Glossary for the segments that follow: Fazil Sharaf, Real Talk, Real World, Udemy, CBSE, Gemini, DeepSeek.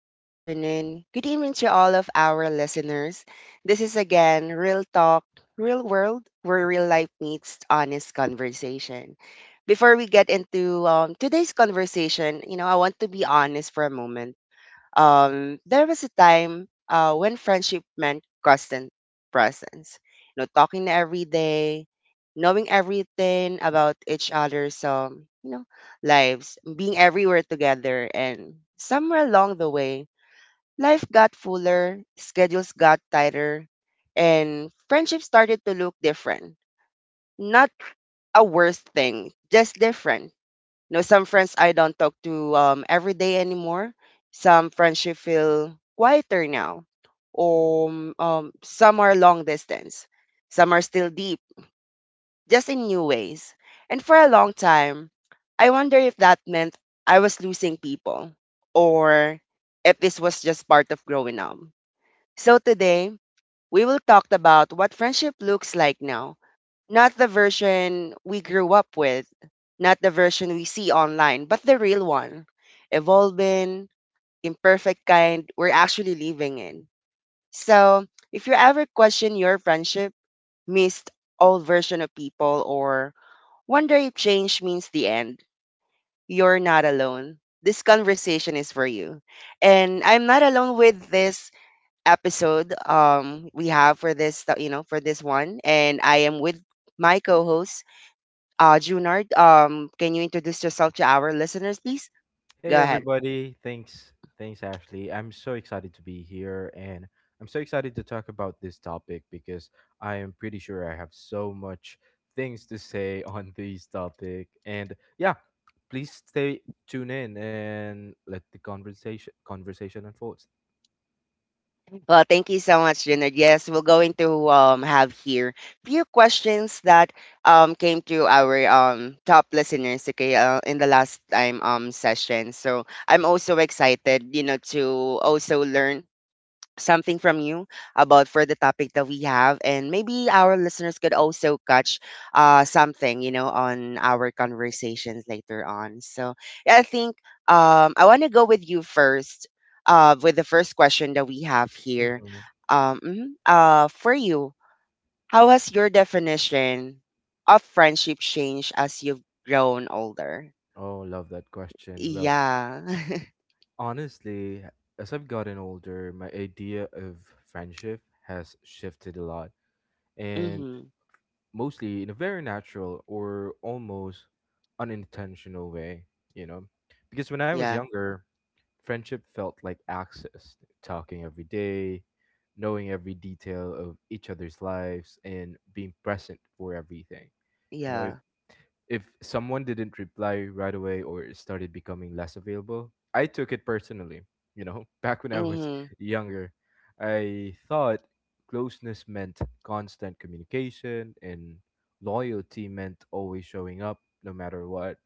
good afternoon, good evening to all of our listeners. This is again Real Talk, Real World, where real life meets honest conversation. Before we get into today's conversation, I want to be honest for a moment. There was a time when friendship meant constant presence, you know, talking every day, knowing everything about each other's lives, being everywhere together. And somewhere along the way, life got fuller, schedules got tighter, and friendship started to look different. Not a worse thing, just different. You know, some friends I don't talk to every day anymore. Some friendship feel quieter now. Some are long distance. Some are still deep, just in new ways. And for a long time, I wonder if that meant I was losing people, or if this was just part of growing up. So today, we will talk about what friendship looks like now. Not the version we grew up with, not the version we see online, but the real one. Evolving, imperfect kind we're actually living in. So, if you ever question your friendship, missed old version of people, or wonder if change means the end, you're not alone. This conversation is for you. And I'm not alone with this episode we have for this for this one, and I am with my co-host Junard. Um, can you introduce yourself to our listeners, please? Go Hey ahead. everybody. Thanks. Thanks Ashley. I'm so excited to be here and I'm so excited to talk about this topic because I am pretty sure I have so much things to say on this topic. And yeah, please stay tune in and let the conversation unfold. Well, thank you so much, Junard. Yes, we're going to have here few questions that came to our top listeners, okay, in the last time session. So I'm also excited, you know, to also learn something from you about for the topic that we have, and maybe our listeners could also catch something, you know, on our conversations later on. So yeah, I want to go with you first with the first question that we have here. hmm Mhm, for you, how has your definition of friendship changed as you've grown older? Oh, love that question. Well, Yeah. honestly, as I've gotten older, my idea of friendship has shifted a lot. And Mhm. mostly in a very natural or almost unintentional way, you know. Because when I was Yeah, younger, friendship felt like access, talking every day, knowing every detail of each other's lives, and being present for everything. You know, if yeah. if someone didn't reply right away or started becoming less available, I took it personally. You know, back when I was Mhm. younger, I thought closeness meant constant communication and loyalty meant always showing up no matter what.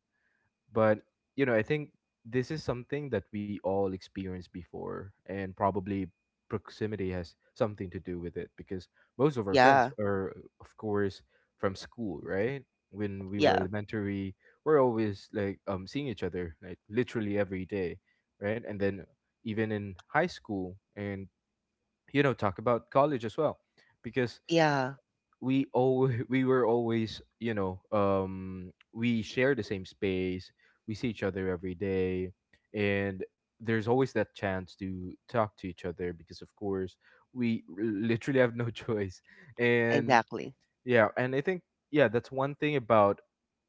But you know, I think this is something that we all experienced before, and probably proximity has something to do with it because most of our friends Yeah, are, of course, from school, right? When we were yeah, elementary, we're always like seeing each other like literally every day, right? And then even in high school, and you know, talk about college as well, because yeah. we all we were always we share the same space, we see each other every day, and there's always that chance to talk to each other because of course we literally have no choice. And Exactly. yeah, and I think, yeah, that's one thing about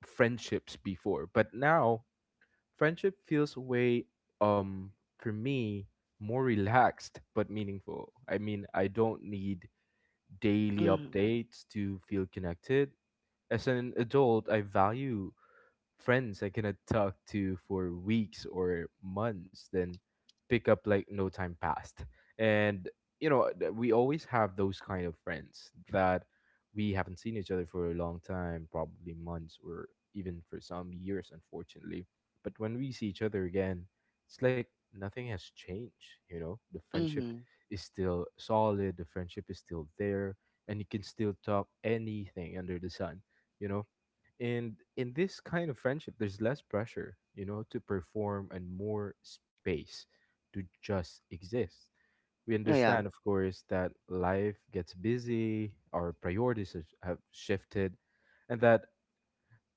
friendships before, but now friendship feels way, um for me, more relaxed but meaningful. I mean, I don't need daily Mhm. updates to feel connected. As an adult, I value friends I cannot talk to for weeks or months, then pick up like no time passed. And you know, we always have those kind of friends that we haven't seen each other for a long time, probably months or even for some years, unfortunately. But when we see each other again, it's like nothing has changed, you know? The friendship Mhm. is still solid, the friendship is still there, and you can still talk anything under the sun, you know? And in this kind of friendship, there's less pressure, you know, to perform and more space to just exist. We Oh, yeah. understand, of course, that life gets busy, our priorities have shifted, and that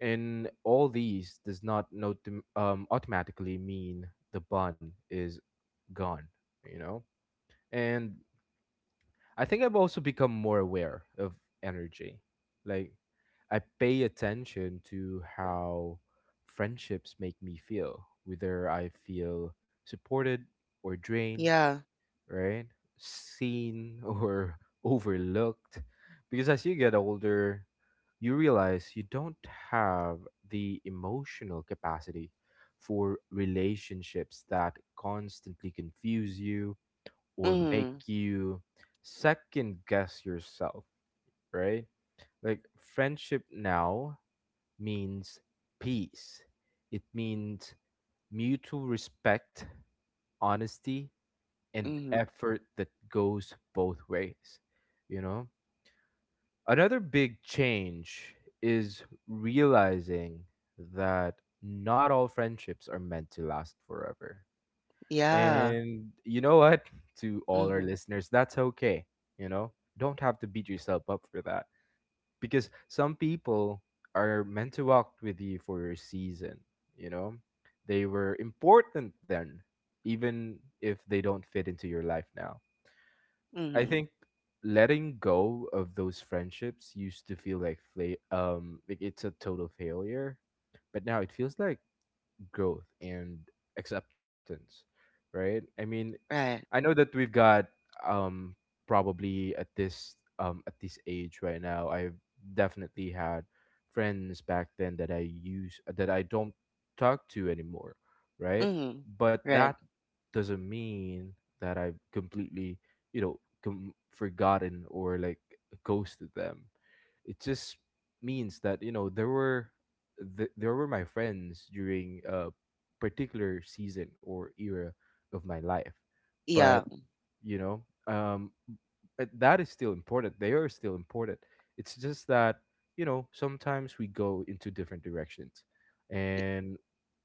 in all these does not automatically mean the bun is gone, you know? And I think I've also become more aware of energy. Like, I pay attention to how friendships make me feel, whether I feel supported or drained, Yeah. right? Seen or overlooked. Because as you get older, you realize you don't have the emotional capacity for relationships that constantly confuse you or make Mhm. you second guess yourself, right? Like friendship now means peace. It means mutual respect, honesty, and Mhm. effort that goes both ways, you know? Another big change is realizing that not all friendships are meant to last forever. Yeah. And you know what? To all our Mhm. listeners, that's okay. You know, don't have to beat yourself up for that because some people are meant to walk with you for a season. You know, they were important then, even if they don't fit into your life now. I Mhm. think letting go of those friendships used to feel like like it's a total failure, but now it feels like growth and acceptance, right? I mean, I Right. know that we've got um probably at this age right now. I've definitely had friends back then that I don't talk to anymore, right? Mhm. But that Right. doesn't mean that I've completely, you know, forgotten or like ghosted them. It just means that, you know, there were my friends during a particular season or era of my life. But Yeah. you know, that is still important, they are still important. It's just that, you know, sometimes we go into different directions, Y and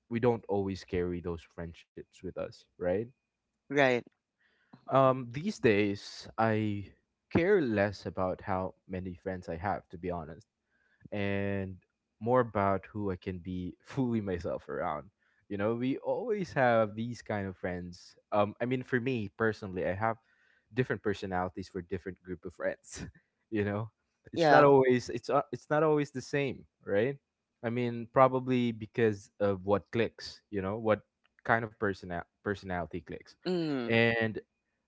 we don't always carry those friendships with us, right? Right. These days, I care less about how many friends I have, to be honest, and more about who I can be fully myself around. You know, we always have these kind of friends. I mean, for me personally, I have different personalities for different group of friends. You know, it's not Yeah. always, it's not always the same, right? I mean, probably because of what clicks. You know, what kind of personality clicks, Mhm. and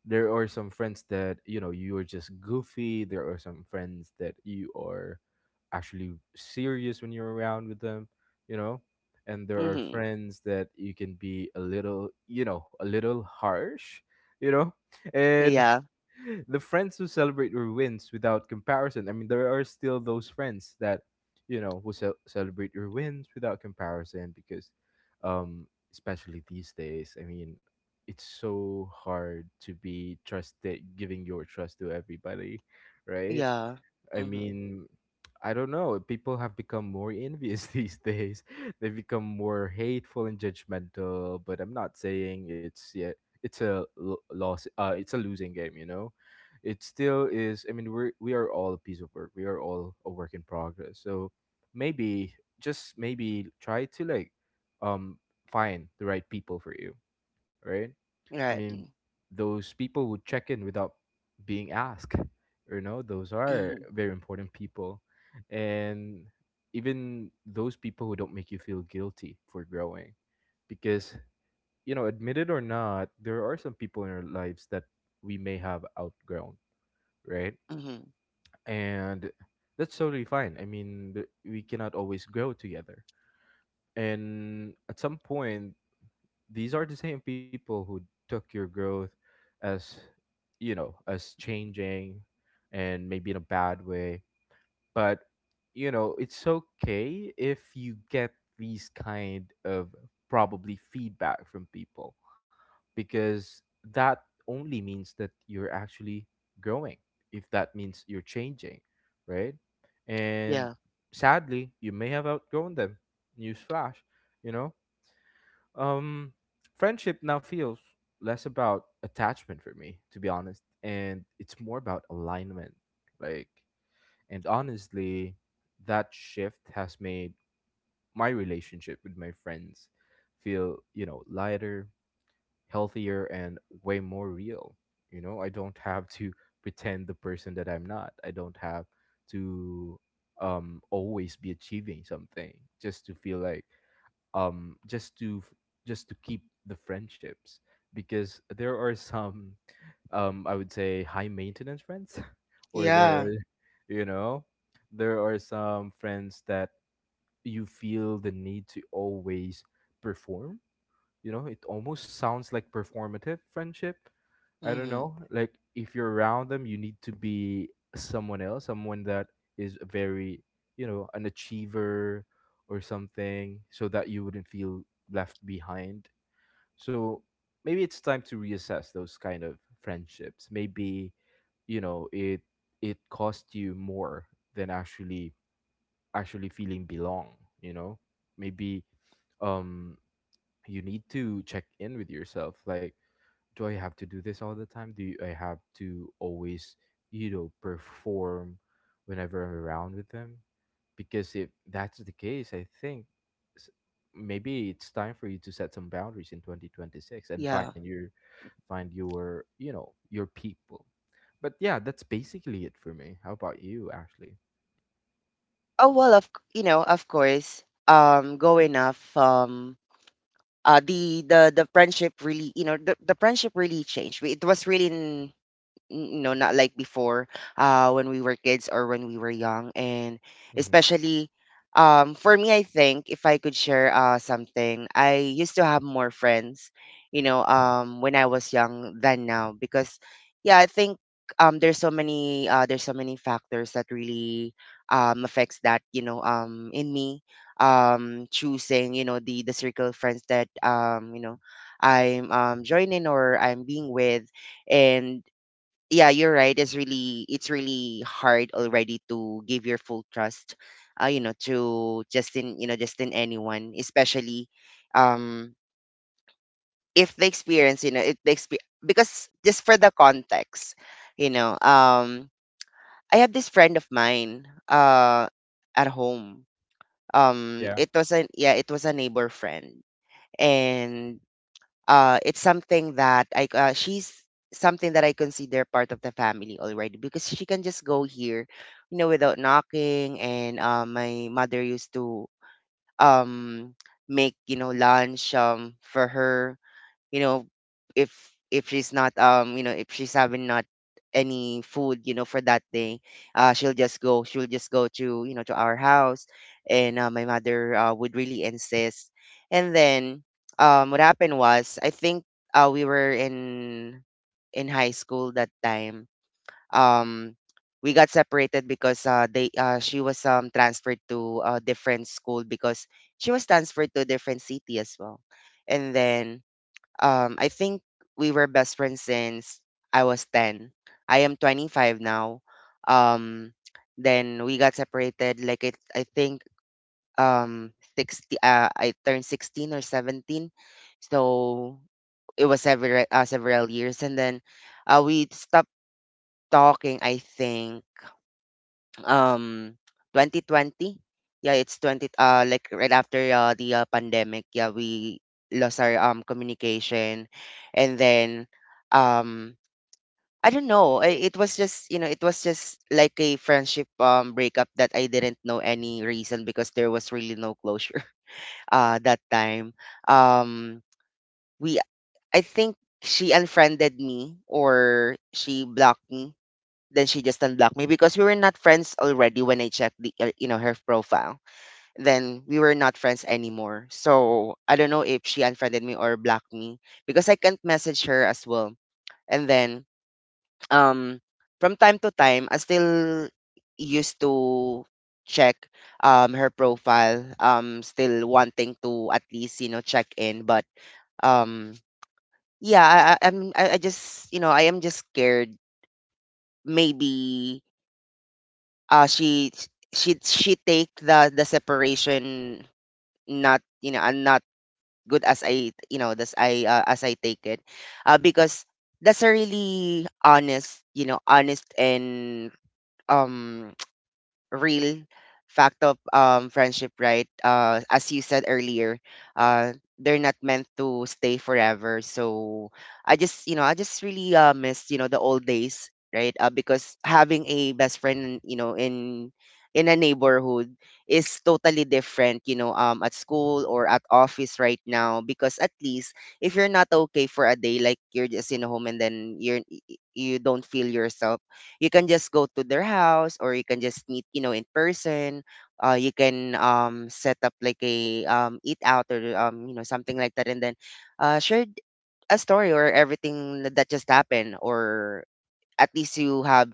there are some friends that, you know, you are just goofy. There are some friends that you are actually serious when you're around with them, you know. And there are Mhm. friends that you can be a little, you know, a little harsh, you know. And Yeah. the friends who celebrate your wins without comparison. I mean, there are still those friends that, you know, who celebrate your wins without comparison because, um, especially these days, I mean, it's so hard to be trusted, giving your trust to everybody, right? Yeah. I Mhm. mean, I don't know. People have become more envious these days. They've become more hateful and judgmental. But I'm not saying it's yet. It's a loss. It's a losing game. You know, it still is. I mean, we are all a piece of work. We are all a work in progress. So maybe, just maybe, try to like um find the right people for you. Right? I Right. mean, those people who check in without being asked, you know, those are Mhm. very important people. And even those people who don't make you feel guilty for growing. Because, you know, admit it or not, there are some people in our lives that we may have outgrown, right? Mhm. And that's totally fine. I mean, we cannot always grow together. And at some point, these are the same people who took your growth as, you know, us changing, and maybe in a bad way, but you know it's okay if you get these kind of probably feedback from people, because that only means that you're actually growing, if that means you're changing, right? And Yeah. sadly, you may have outgrown them. Newsflash, you know, um, friendship now feels less about attachment for me, to be honest, and it's more about alignment. Like, and honestly, that shift has made my relationship with my friends feel, you know, lighter, healthier, and way more real. You know, I don't have to pretend the person that I'm not. I don't have to always be achieving something just to feel like, um just to f- just to keep the friendships, because there are some, um, I would say high maintenance friends or there Yeah. are, you know, there are some friends that you feel the need to always perform, you know. It almost sounds like performative friendship. I don't Mhm. know. Like if you're around them, you need to be someone else, someone that is very, you know, an achiever or something, so that you wouldn't feel left behind. So maybe it's time to reassess those kind of friendships. Maybe, you know, it cost you more than actually feeling belong. You know, maybe um you need to check in with yourself, like, do I have to do this all the time? Do I have to always, you know, perform whenever I'm around with them? Because if that's the case, I think, s- maybe it's time for you to set some boundaries in 2026 and Yeah. Find your, you know, your people. But yeah, that's basically it for me. How about you, Ashley? Oh, well, of c You know, of course, going off, the friendship really, you know, the friendship really changed. We It was really no, not like before, when we were kids or when we were young. And Mm-hmm. especially, for me, I think if I could share something, I used to have more friends, you know, when I was young than now. Because, yeah, I think there's so many factors that really affects that, you know, in me choosing, you know, the circle of friends that you know, I'm joining or I'm being with. And yeah, you're right, it's really, it's really hard already to give your full trust you know, to just in, you know, just in anyone, especially um if the experience, you know, if the experience. Because, just for the context, you know um I have this friend of mine at home. Yeah. It was a, yeah, it was a neighbor friend. And it's something that I she's something that I consider part of the family already, because she can just go here, you know, without knocking. And my mother used to um make, you know, lunch for her, you know, if if she's not, you know, if she's having not any food, you know, for that day, she'll just go, she'll just go to, you know, to our house. And my mother would really insist. And then what happened was, I think, we were in high school that time. um we got separated because they she was transferred to a different school, because she was transferred to a different city as well. And then, I think we were best friends since I was 10. I am 25 now. Um, then we got separated, like, it, I think um 60, I turned 16 or 17. So it was several several years. And then we stopped talking, I think um 2020. Yeah, it's 20, like right after the pandemic. Yeah, we lost our communication. And then um I don't know, it was just, you know, it was just like a friendship breakup that I didn't know any reason, because there was really no closure that time. Um we i think she unfriended me or she blocked me. Then she just unblocked me, because we were not friends already when I checked the, you know, her profile. Then we were not friends anymore. So I don't know if she unfriended me or blocked me, because I can't message her as well. And then, um from time to time, I still used to check her profile, still wanting to at least, you know, check in, but um yeah, I just, you know, I am just scared. Maybe she she take the separation not, you know, and not good as I, you know, as I, as I take it. Because that's a really honest, you know, honest and um real fact of friendship, right? As you said earlier, uh, they're not meant to stay forever. So I just, you know, I just really miss, you know, the old days, right? Because having a best friend, you know, in a neighborhood is totally different, you know, at school or at office right now, because at least if you're not okay for a day, like you're just in a home, and then you're, you don't feel yourself, you can just go to their house, or you can just meet, you know, in person. You can set up like a, eat out, or you know, something like that. And then share a story or everything that just happened, or at least you have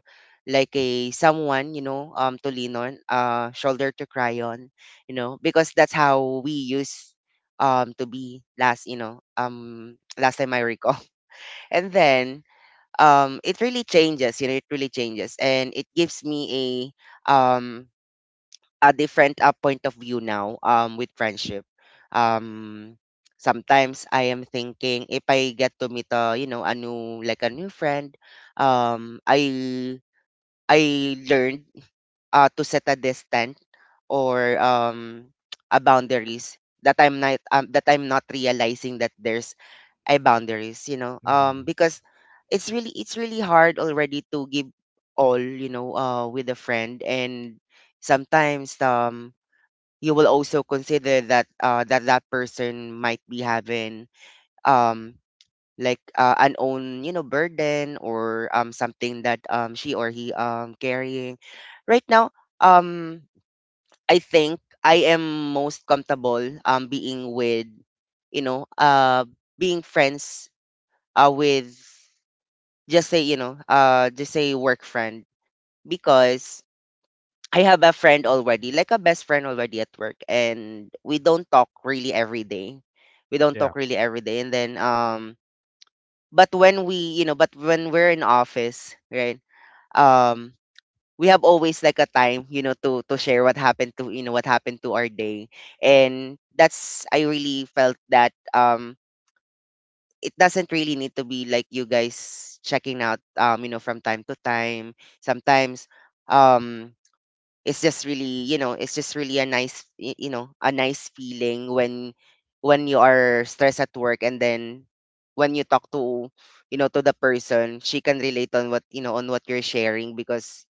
like a someone, you know, to lean on, shoulder to cry on, you know. Because that's how we used, to be last, you know, last time I recall. And then it really changes, you know, it really changes, and it gives me um a different point of view now with friendship. um Sometimes I am thinking, if I get to meet a, you know, a new, like a new friend, um i I learned to set a distance or a boundaries that I'm not, that I'm not realizing that there's I boundaries, you know. Mm-hmm. Um, because it's really, it's really hard already to give all, you know, with a friend. And sometimes you will also consider that that person might be having um like an own, you know, burden, or something that she or he carrying right now. Um i think I am most comfortable being with, you know, being friends with, just say, you know, just say work friend. Because I have a friend already, like a best friend already at work, and we don't talk really every day. We don't Yeah. talk really every day. And then, but when we, you know, but when we're in office, right? Um, we have always like a time, you know, to share what happened to, you know, what happened to our day. And that's, I really felt that it doesn't really need to be like you guys checking out, you know, from time to time. Sometimes um it's just really, you know, it's just really a nice you know, a nice feeling when you are stressed at work, and then when you talk to, you know, to the person, she can relate on what, you know, on what you're sharing, because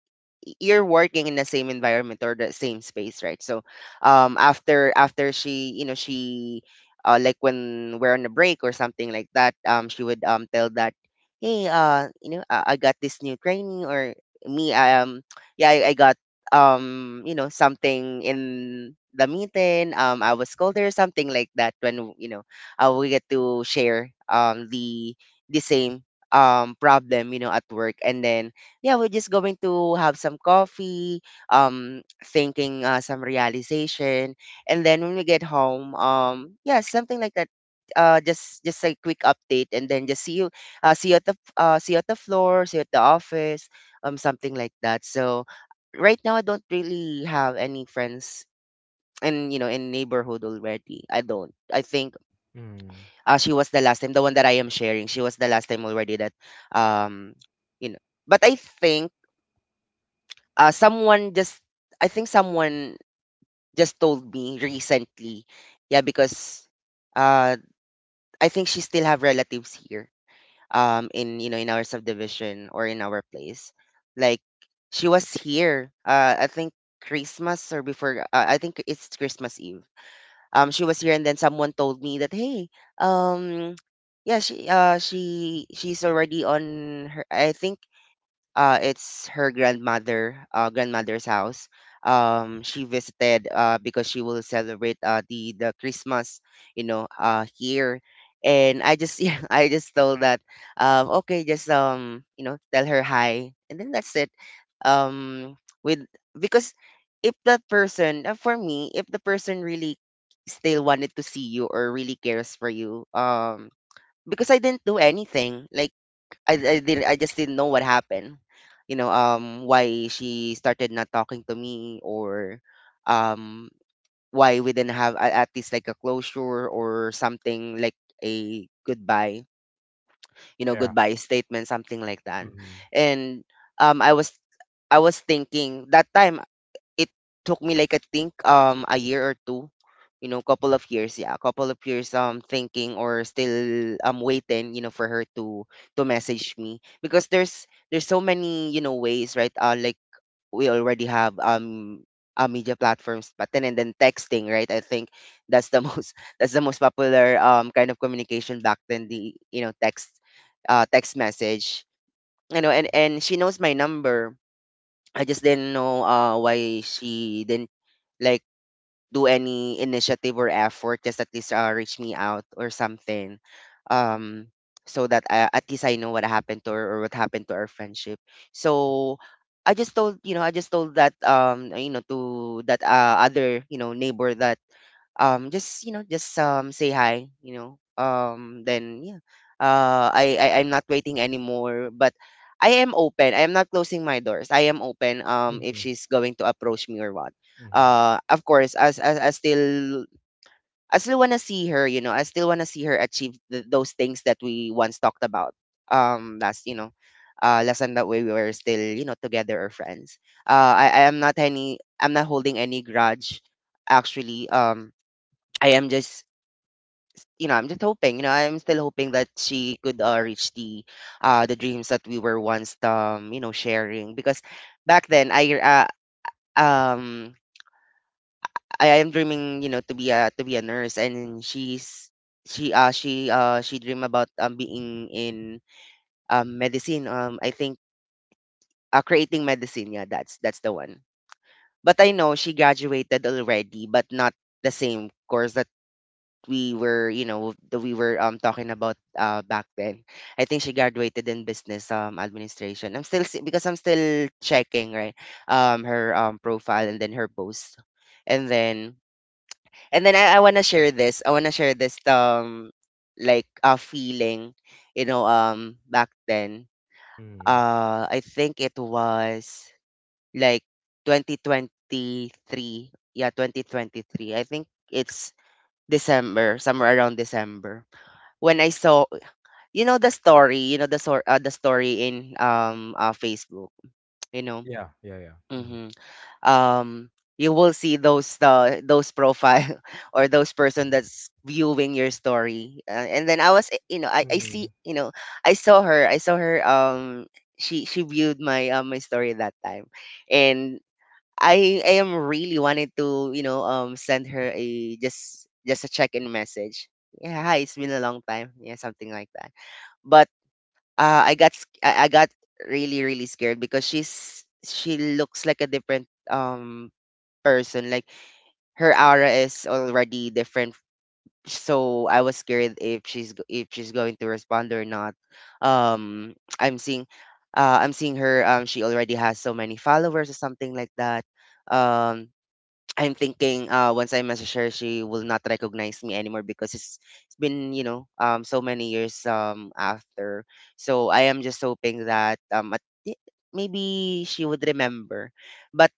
you're working in the same environment or the same space, right? So, after she, you know, she, like when we're on a break or something like that, she would tell that, hey, you know, I got this new training, or me, I yeah, I got you know, something in the meeting. I was called or something like that. When, you know, we get to share the same problem, you know, at work. And then yeah, we're just going to have some coffee, thinking some realization, and then when we get home, yeah, something like that. Just a quick update, and then just see you at the floor, see you at the office, something like that. So right now, I don't really have any friends in you know in neighborhood already. I don't. I think Mm-hmm. She was the last time, the one that I am sharing. She was the last time already that um, you know. But I think someone just I think someone just told me recently, yeah, because uh, I think she still have relatives here, in you know in our subdivision or in our place. Like she was here, I think Christmas or before. I think it's Christmas Eve. She was here, and then someone told me that hey, um, yeah, she she's already on her. I think it's her grandmother grandmother's house. She visited because she will celebrate the Christmas, you know, here. And I just yeah, I just told that okay, tell her hi, and then that's it. Um, with because if that person for me, if the person really still wanted to see you or really cares for you, because I didn't do anything like I didn't I just didn't know what happened. You know, why she started not talking to me or um why we didn't have at least like a closure or something like a goodbye, you know, Yeah. goodbye statement, something like that. Mm-hmm. And um I was I was thinking that time it took me like I think a year or two, you know, couple of years, yeah, couple of years thinking or still waiting, you know, for her to message me because there's so many you know ways, right? Like we already have media platforms but then and then texting, right? I think that's the most, that's the most popular kind of communication back then, the you know text text message, you know. And she knows my number. I just didn't know why she didn't like do any initiative or effort, just at least reach me out or something, um so that I, at least I know what happened to her or what happened to our friendship. So I just told, you know, I just told that, um, you know, to that, other, you know, neighbor that, just, you know, just, say hi, you know, then yeah, I'm not waiting anymore, but I am open, I am not closing my doors, I am open, if Mm-hmm. she's going to approach me or what. Mm-hmm. Of course, as I still, I still want to see her, you know, I still want to see her achieve those things that we once talked about, last, you know, last time that we were still you know together or friends. I am not any I'm not holding any grudge actually, I am just, you know, I'm just hoping, you know, I'm still hoping that she could reach the dreams that we were once you know sharing because back then um I am dreaming, you know, to be a nurse, and she's she dream about being in medicine, I think, creating medicine, yeah, that's the one. But I know she graduated already but not the same course that we were, you know, that we were talking about back then. I think she graduated in business administration. I'm still because I'm still checking, right, her profile and then her post, and then I wanna share this. I wanna share this, like a feeling, you know, back then. Mm-hmm. I think it was like 2023. Yeah, 2023. I think it's December, somewhere around December, when I saw you know the story, the story in Facebook, you know. Yeah. Yeah. Yeah. hmm Um you will see those profile or those person that's viewing your story. And then I was you know I Mm-hmm. see, Mm-hmm. you know, I saw her, she viewed my, my story that time. And I am really wanted to, you know, send her a just a check-in message. Yeah, hi, it's been a long time. Yeah, something like that, but I got really really scared because she looks like a different person. Like her aura is already different. So I was scared if she's going to respond or not. Um, I'm seeing, I'm seeing her. She already has so many followers or something like that. Um, I'm thinking once I message her, she will not recognize me anymore because it's been, you know, so many years after. So I am just hoping that maybe she would remember. But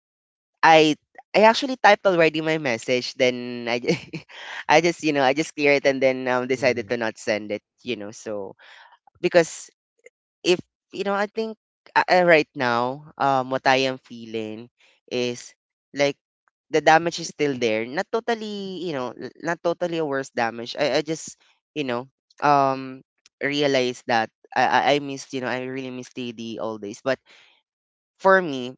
I I actually typed already my message, then I just, you know, I just clear it and then decided to not send it, you know. So because if you know, I think right now, what I am feeling is like the damage is still there. Not totally, you know, not totally a worse damage. You know, um, realized that I missed, you know, I really missed the old days. But for me,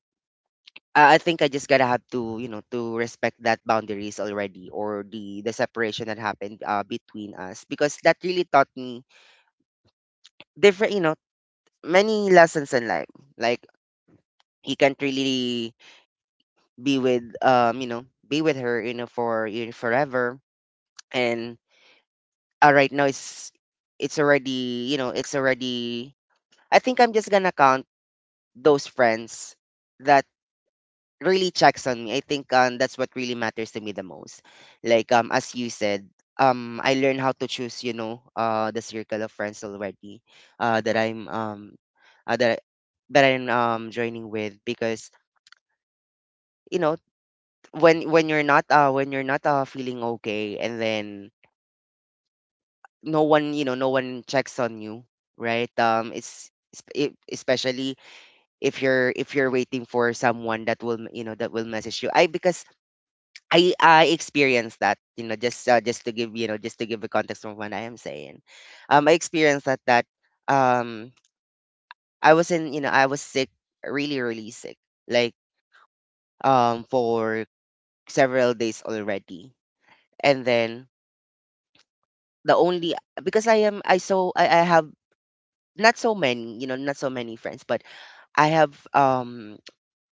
I think I just gotta have to, you know, to respect that boundaries already or the separation that happened between us, because that really taught me different, you know, many lessons in life. Like he can't really be with you know be with her, you know, for you know, forever. And right now it's already you know it's already, I think I'm just gonna count those friends that really checks on me. I think that's what really matters to me the most. Like, as you said, I learned how to choose, you know, the circle of friends already, uh that i'm um uh, that I, that I'm joining with. Because, you know, when when you're not feeling okay and then no one, you know, no one checks on you, right? It's especially if you're waiting for someone that will, you know, that will message you. I Because I experienced that, you know, just to give, you know, just to give a context of what I am saying. I experienced that, that, um I was in, you know, I was sick, really really sick, like, for several days already. And then the only, because I am I so I have not so many, you know, not so many friends, but I have, um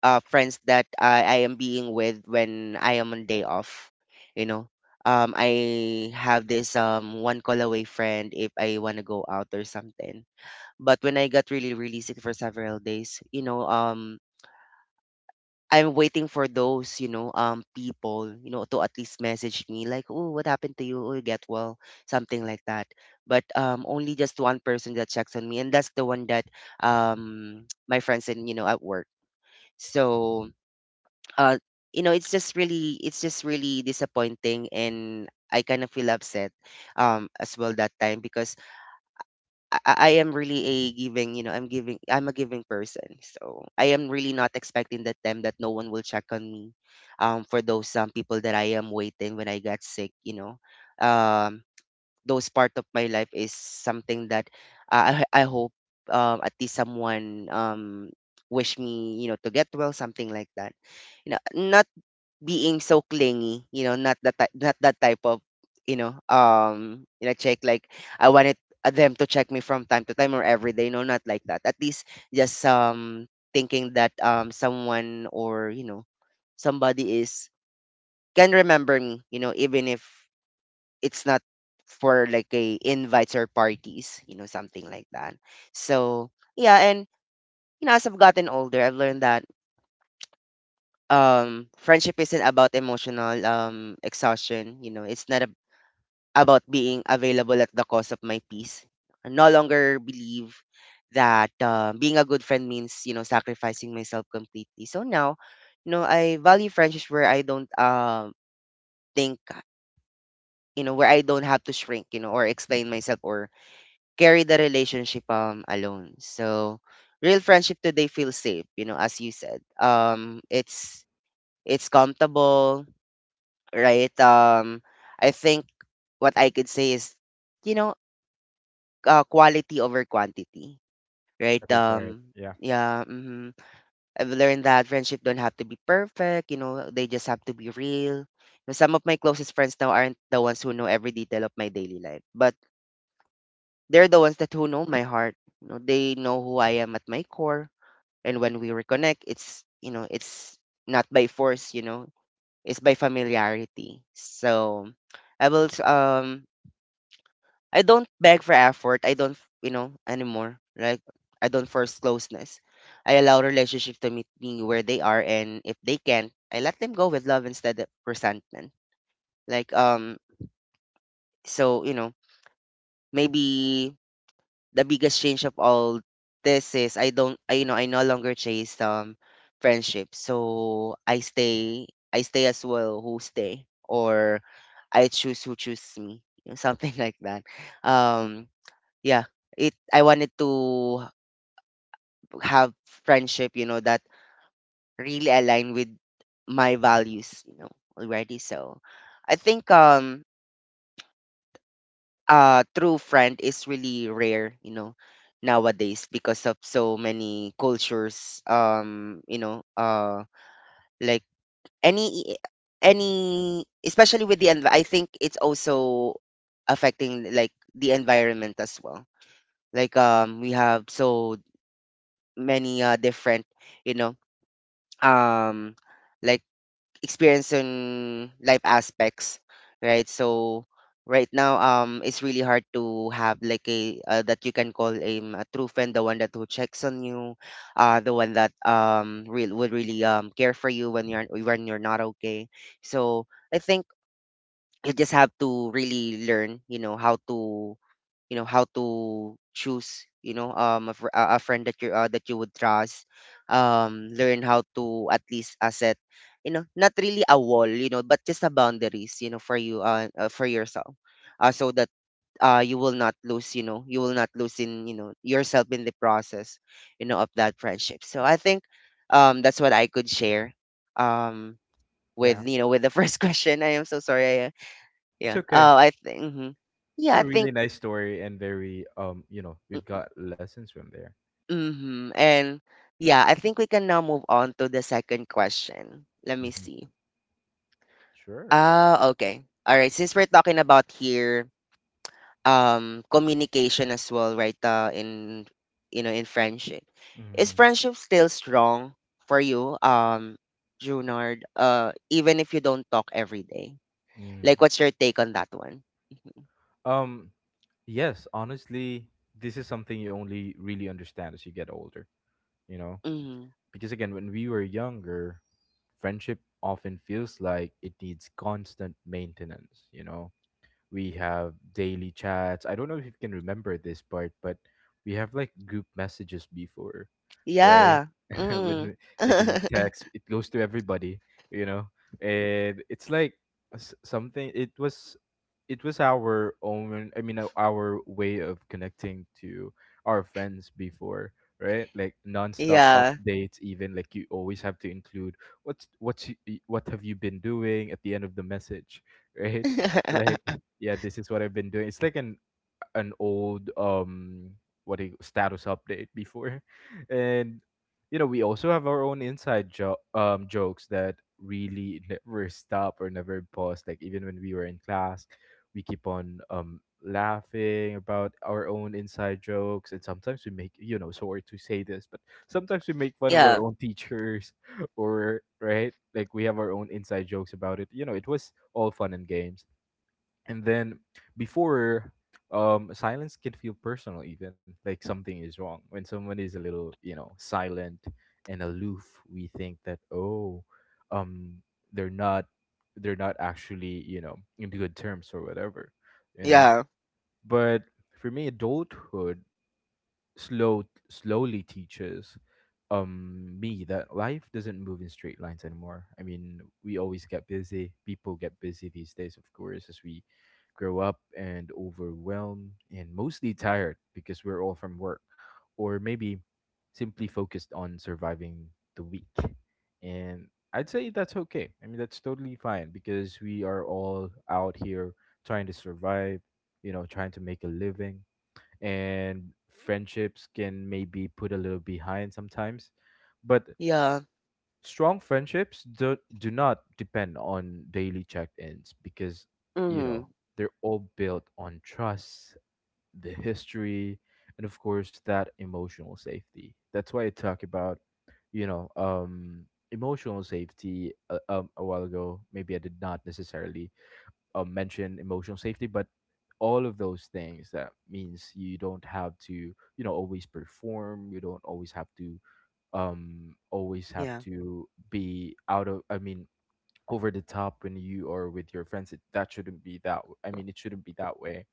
uh friends that I am being with when I am on day off, you know. Um, I have this one call away friend if I want to go out or something. But when I got really really sick for several days, you know, I'm waiting for those, you know, people, you know, to at least message me like, "Oh, what happened to you? Oh, get well," something like that. But only just one person that checks on me, and that's the one that, my friends and you know at work. So, uh, you know, it's just really disappointing, and I kind of feel upset, as well that time, because I am really a giving, you know, I'm giving, I'm a giving person. So I am really not expecting that time that no one will check on me. For those some people that I am waiting when I got sick, you know, um, those part of my life is something that I hope at least someone wish me, you know, to get well, something like that. You know, not being so clingy, you know, not that type of, you know, check. Like I wanted, them to check me from time to time or every day. No, not like that. At least just, thinking that someone or you know somebody is can remember me, you know, even if it's not for like a invites or parties, you know, something like that. So yeah, and as I've gotten older, I've learned that friendship isn't about emotional exhaustion. It's not about being available at the cost of my peace. I no longer believe that being a good friend means sacrificing myself completely. So now, I value friendships where I don't think, where I don't have to shrink, or explain myself, or carry the relationship alone. So real friendship today feels safe, as you said, it's comfortable, right? I think what I could say is, you know, quality over quantity, right? That is right. Yeah. Yeah, I've learned that friendship don't have to be perfect. They just have to be real. Some of my closest friends now aren't the ones who know every detail of my daily life, but they're the ones that who know my heart. They know who I am at my core, and when we reconnect, it's not by force. It's by familiarity. So I will s- um I don't beg for effort. I don't, anymore. Like I don't force closeness. I allow relationship to meet me where they are, and if they can, I let them go with love instead of resentment. Like um, so you know, maybe the biggest change of all this is I don't, I you know, I no longer chase friendship. So I stay as well who stay, or I choose who choose me, something like that. Um, Yeah, it I wanted to have friendship, that really align with my values, already. So I think true friend is really rare, nowadays, because of so many cultures, like any any especially I think it's also affecting like the environment as well. Like we have so many different, you know, um like experience in life aspects, right, so right now it's really hard to have like a that you can call him a true friend, the one that who checks on you, the one that real would really care for you when you're not okay. So I think you just have to really learn, how to, how to choose, a, fr- a friend that you would trust. Learn how to at least, set, not really a wall, but just a boundaries, for you, for yourself, so that you will not lose in, yourself in the process, of that friendship. So I think that's what I could share, um with Yeah. you know with the first question. I am so sorry. It's Yeah. okay. Oh, I think. Mhm. It's Yeah, a I think. really nice story and very, you know, we've got lessons from there. Mm-hmm. And yeah, I think we can now move on to the second question. Let me Hmm. see. Sure. Ah, okay. All right. Since we're talking about here, communication as well, right? In friendship, is Mm. friendship still strong for you, Junard? Even if you don't talk every day, Mm. like, what's your take on that one? Mm-hmm. Um yes, honestly, this is something you only really understand as you get older, you know? Mm-hmm. Because again, when we were younger, friendship often feels like it needs constant maintenance, you know? We have daily chats. I don't know if you can remember this part, but we have like group messages before, right? Yeah. Mm-hmm. When like in the text, it goes to everybody, you know, and it's like something. It was, it was our own, our way of connecting to our friends before, right? Like nonstop Yeah. updates, even like you always have to include what's, what have you been doing at the end of the message, right? Like, yeah, this is what I've been doing. It's like an old, status update before, and you know, we also have our own inside jokes that really never stop or never pause. Like even when we were in class, we keep on laughing about our own inside jokes, and sometimes we make sorry to say this, but sometimes we make fun of our Yeah. own teachers or right, like we have our own inside jokes about it. You know, it was all fun and games. And then before, silence can feel personal, even like something is wrong. When someone is a little, you know, silent and aloof, we think that, oh, um, they're not, they're not actually, you know, in good terms or whatever, you know. Yeah. But for me, adulthood slow, slowly teaches me that life doesn't move in straight lines anymore. I mean, we always get busy. People get busy these days, of course, as we grow up and overwhelmed and mostly tired because we're all from work or maybe simply focused on surviving the week. And I'd say that's okay. I mean, that's totally fine because we are all out here trying to survive, you know, trying to make a living, and friendships can maybe put a little behind sometimes. But Yeah. strong friendships do not depend on daily check ins because, you know, Mhm. they're all built on trust, the history, and of course, that emotional safety. That's why I talk about, you know, um, emotional safety a while ago. Maybe I did not necessarily mentioned emotional safety, but all of those things that means you don't have to always perform, you don't always have Yeah. to be out of, I mean, over the top when you are with your friends, that shouldn't be I mean it shouldn't be that way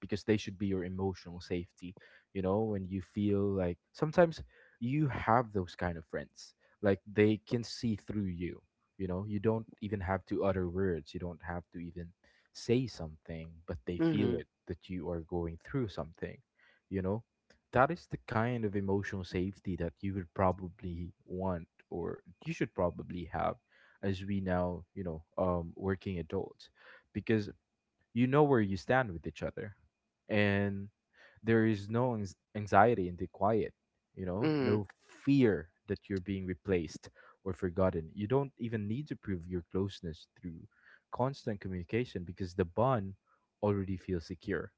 because they should be your emotional safety. You know, when you feel like sometimes you have those kind of friends, like they can see through you. You know you don't even have to utter words, you don't have to even say something, but they feel Mhm. it that you are going through something. You know that is the kind of emotional safety that you would probably want or you should probably have as we now, working adults, because you know where you stand with each other, and there is no anxiety in the quiet, Mhm. no fear that you're being replaced or forgotten. You don't even need to prove your closeness through constant communication because the bond already feels secure.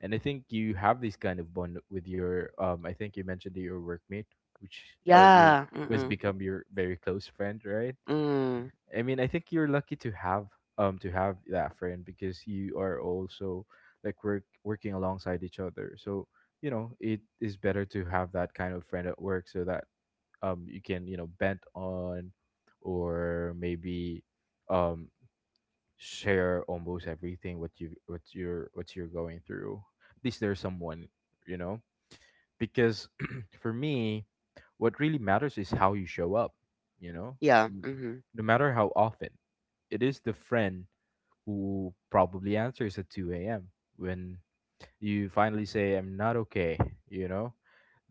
And I think you have this kind of bond with your, I think you mentioned that your workmate, which who Yeah. Mm. has Mhm. become your very close friend, right? Mm. I mean, I think you're lucky to have that friend because you are also like working alongside each other. So, you know it is better to have that kind of friend at work so that you can, you know, bent on, or maybe um share almost everything what you're going through. At least there's someone, you know, because for me, what really matters is how you show up you know Yeah. N- Mhm. no matter how often, it is the friend who probably answers at 2 a.m. when you finally say I'm not okay you know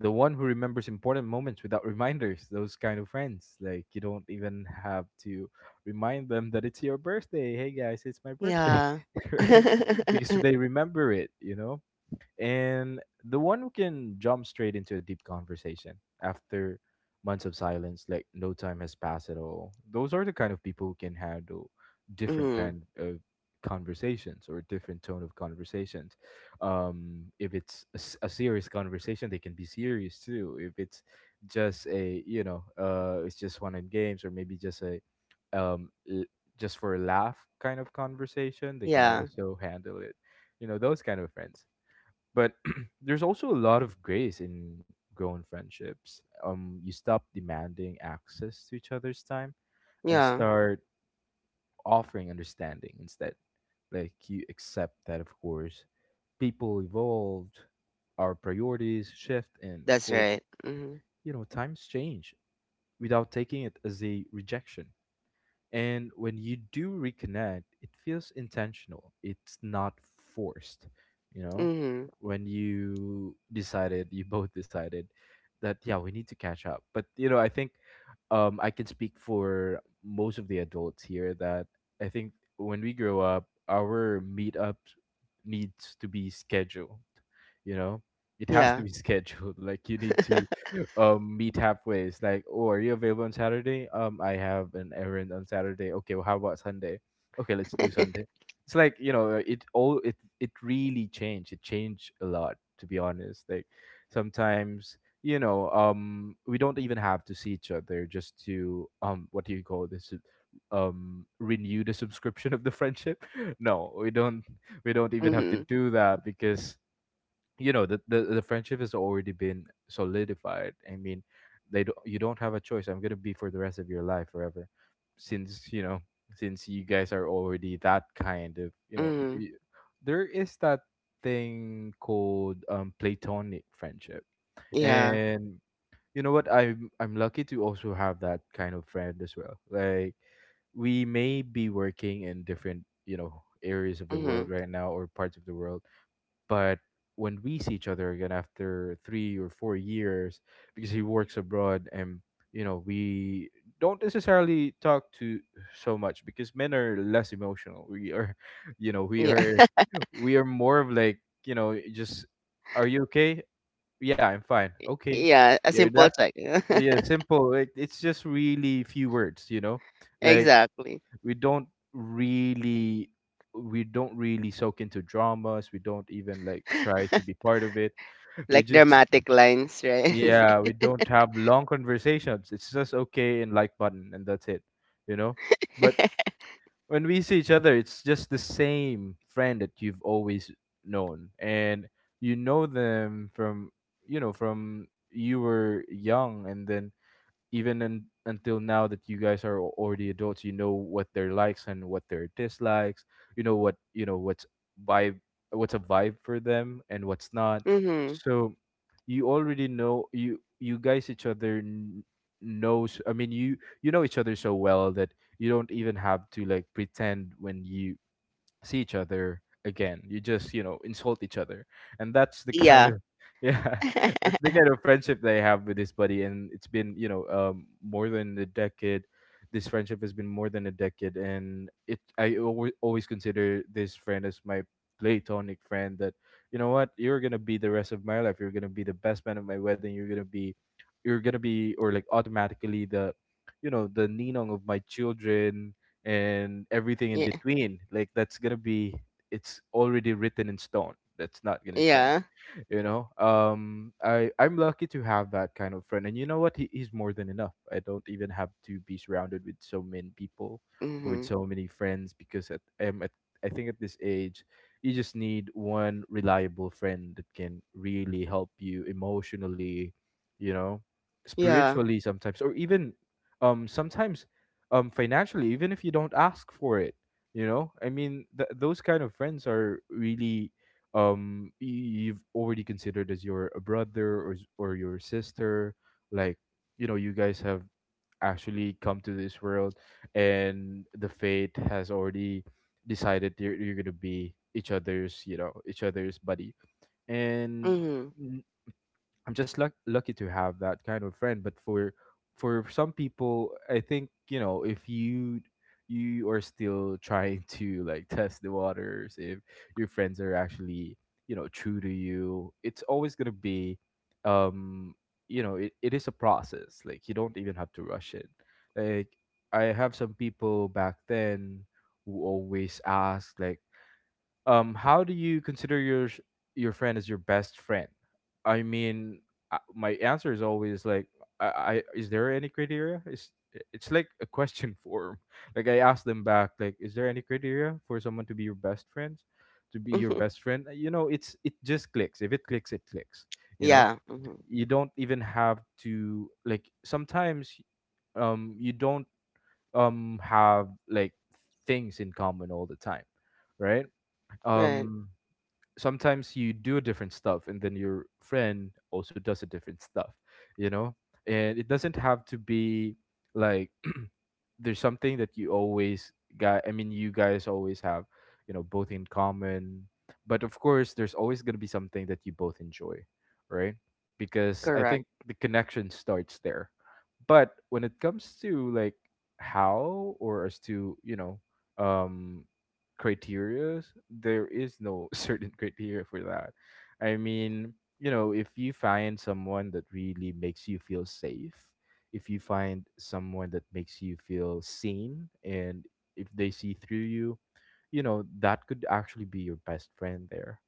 the one who remembers important moments without reminders, those kind of friends, like you don't even have to remind them that it's your birthday. Hey guys, it's my birthday. Yeah. Right? Because they remember it. And the one who can jump straight into a deep conversation after months of silence, like no time has passed at all. Those are the kind of people who can handle different Mhm. kind of conversations or different tone of conversations. If it's a serious conversation, they can be serious too. If it's just a you know it's just one in games, or maybe just um l- just for a laugh kind of conversation, they can Yeah. also handle it. Those kind of friends. But there's also a lot of grace in grown friendships. You stop demanding access to each other's time and Yeah. start offering understanding instead. Like you accept that, of course, people evolved, our priorities shift, and of That's course, right. Mhm. Times change without taking it as a rejection. And when you do reconnect, it feels intentional. It's not forced, you know? Mhm. When you both decided that, yeah, we need to catch up. But I think I can speak for most of the adults here that, I think, when we grow up, our meetups needs to be scheduled, you know? It has to Yeah. be scheduled. Like you need to meet halfway. It's like, oh, are you available on Saturday? I have an errand on Saturday. Okay, well, how about Sunday? Okay, let's do Sunday. It's like, it really changed. It changed a lot, to be honest. Like sometimes, we don't even have to see each other just to, what do you call this? Renew the subscription of the friendship. No, we don't even have to Mhm. do that because, the friendship has already been solidified. I mean, you don't have a choice, I'm gonna be for the rest of your life forever, since, you know, since you guys are already that kind of, Mhm. There is that thing called platonic friendship. Yeah. And, you know what, I'm lucky to also have that kind of friend as well. Like we may be working in different, areas of the world Mhm. right now, or parts of the world. But when we see each other again after 3 or 4 years, because he works abroad, and, we don't necessarily talk to so much because men are less emotional. We are you know we Yeah. are we are more of, like, just, are you okay? Yeah, I'm fine, okay. Yeah. A Yeah, that, simple check. yeah, simple, like it's just really few words. Like, exactly. we don't really we don't really soak into dramas. We don't even like try to be part of it. We Like just, dramatic lines, right? yeah, we don't have long conversations, it's just okay and like button and that's it you know but when we see each other, it's just the same friend that you've always known, and you know them from, from you were young, and then even until now that you guys are already adults, you know what their likes and what their dislikes, you know vibe what's a vibe for them and what's not. mhm. So you already know, you guys each other knows, I mean you, you know each other so well that you don't even have to like pretend when you see each other again. You just, insult each other. And that's the kind Yeah. of yeah, that's the kind of friendship that I have with this buddy, and it's been, more than a decade. This friendship has been more than a decade, and it I always always consider this friend as my platonic friend that, you know what, you're going to be the rest of my life. You're going to be the best man at my wedding. You're going to be or like automatically the, the ninong of my children, and everything in yeah. between, like that's gonna be, it's already written in stone, that's not gonna change. Yeah. I'm lucky to have that kind of friend. And, you know what, he's more than enough. I don't even have to be surrounded with so many people or with Mhm. so many friends because at, I think, at this age, you just need one reliable friend that can really help you emotionally, you know Yeah. spiritually sometimes, or even sometimes financially, even if you don't ask for it. I mean, those kind of friends are really, you've already considered as your a brother, or or your sister. Like, you guys have actually come to this world, and the fate has already decided you're gonna be each other's, each other's buddy. And Mhm. I'm just lucky to have that kind of friend. But for some people, I think, if you are still trying to like test the waters, if your friends are actually, true to you. It's always gonna be, um, it is a process. Like you don't even have to rush it. Like I have some people back then who always ask like how do you consider your your friend as your best friend? I mean, my answer is always like, I is there any criteria, is it's like a question form like I ask them back, like is there any criteria for someone to be your best friend, to be your Mhm. best friend? You know, it's it just clicks. If it clicks, it clicks. You know, Yeah. Hmm. you don't even have to, like, sometimes you don't have like things in common all the time, right? Right. um Sometimes you do different stuff and then your friend also does a different stuff, you know, and it doesn't have to be like there's something that you always got. I mean, you guys always have, you know, both in common. But of course, there's always going to be something that you both enjoy, right? Because I think Correct. the connection starts there. But when it comes to like how or as to, you know, um criterias, there is no certain criteria for that. I mean, you know, if you find someone that really makes you feel safe, if you find someone that makes you feel seen, and if they see through you, you know, that could actually be your best friend there.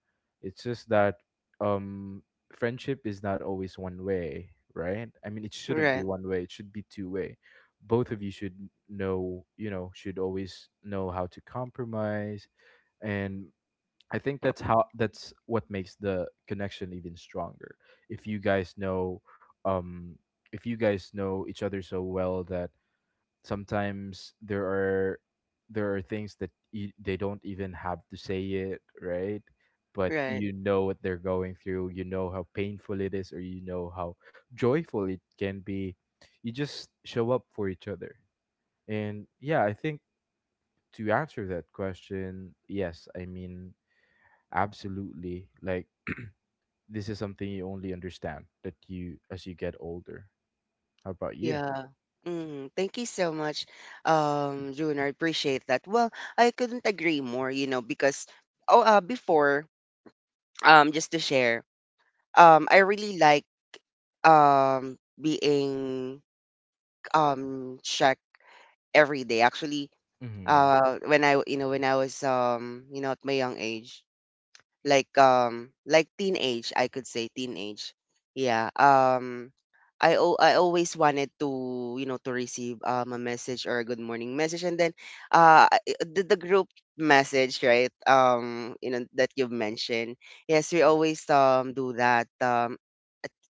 It's just that um friendship is not always one way, right? I mean, it shouldn't be Right. one way, it should be two way. Both of you should know, you know, should always know how to compromise. And I think that's how, that's what makes the connection even stronger. If you guys know, um, if you guys know each other so well that sometimes there are, there are things that you, they don't even have to say it, right? But Right. you know what they're going through. You know how painful it is, or you know how joyful it can be. You just show up for each other, and yeah, I think to answer that question, yes, I mean absolutely, like this is something you only understand that you as you get older. How about you? Yeah. Mm, thank you so much, June. I appreciate that. Well, I couldn't agree more, because oh, before, just to share, I really like being checked every day. Actually, Hmm. When I was at my young age, like teenage, I could say teenage, yeah, I always wanted to, to receive a message or a good morning message. And then, the group message, right, that you've mentioned. Yes, we always do that.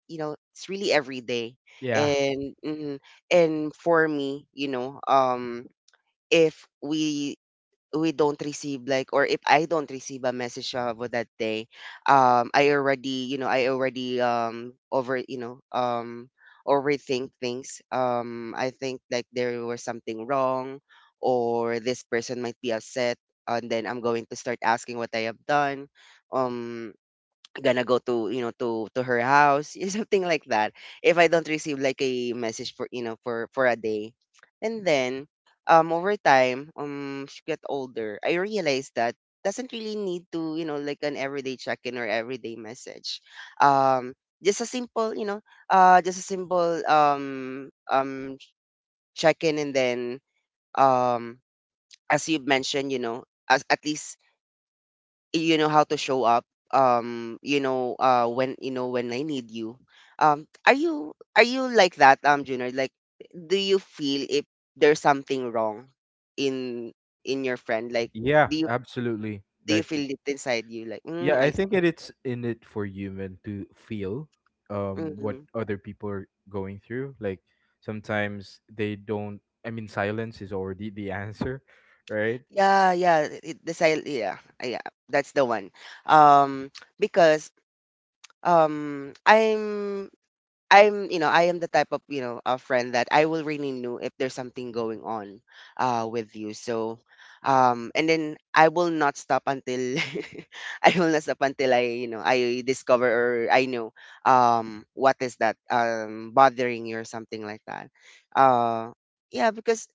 It's really every day, Yeah. and mhm. And for me, if we don't receive, like, or if I don't receive a message for that day, I already overthink things. I think, like, there was something wrong, or this person might be upset, and then I'm going to start asking what I have done. Um Gonna go to, to her house, yeah, something like that, if I don't receive like a message for, for a day. And then, over time, she get older, I realized that doesn't really need to, like an everyday check-in or everyday message, um just a simple you know just a simple check-in. And then, um as you mentioned, as at least, how to show up, when I need you. Are you like that, junior, like, do you feel if there's something wrong in in your friend, like, Yeah, do you absolutely. do you Like feel it inside you, like, yeah, I I think see? that it's in it for human to feel what Mm, other people are going through. Like sometimes they don't, I mean silence is already the answer, right? yeah, yeah, yeah, yeah, that's the one. um because um i'm I am the type of, a friend that I will really know if there's something going on with you. So and then I will not stop until, I will not stop until I discover, or I know what is that bothering you, or something like that. Uh yeah, because,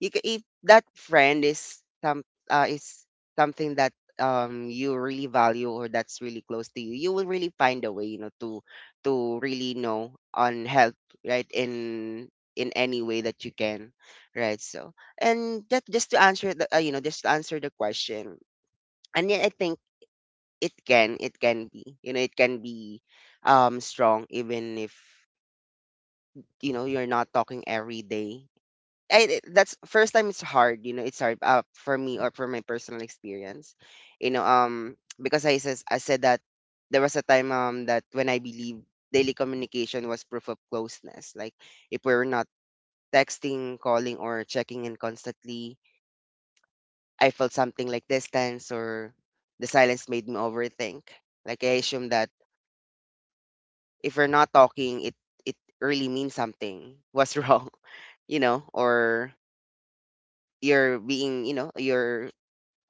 you ca if that friend is something that you really value, or that's really close to you, you will really find a way, to really know on help, right, in any way that you can, right. So, and that, just to answer the question. And yet I think it can be you know it can be strong even if, you're not talking every day. I That's first time it's hard, for me, or for my personal experience. Because I said that there was a time, that when I believe daily communication was proof of closeness. Like if we were not texting, calling or checking in constantly, I felt something like distance or the silence made me overthink. Like I assumed that if we're not talking, it really means something was wrong, or you're being, you know, you're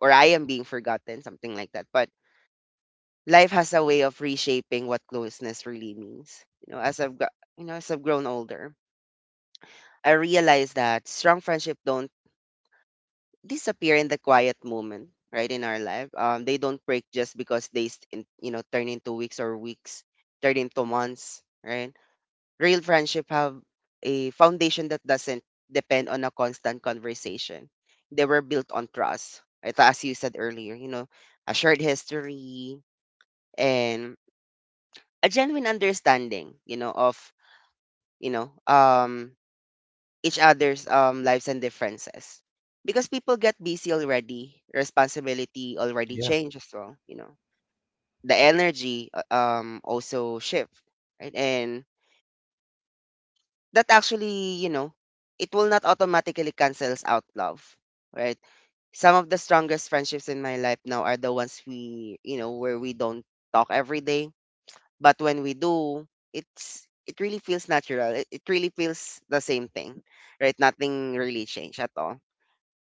or I am being forgotten, something like that. But life has a way of reshaping what closeness really means. You know, as I've got, you know, As I've grown older, I realize that strong friendship don't disappear in the quiet moment, right in our life. They don't break just because they, turn into weeks, or weeks turn into months, right? Real friendship have a foundation that doesn't depend on a constant conversation. They were built on trust. Ito, as you said earlier, a shared history, and a genuine understanding, of, you know, um each other's lives and differences. Because people get busy already, responsibility already Yeah. change as well. The energy, also shift, right? And that actually, it will not automatically cancels out love, right? Some of the strongest friendships in my life now are the ones where we don't talk every day. But when we do, it really feels natural. It really feels the same thing, right? Nothing really changed at all.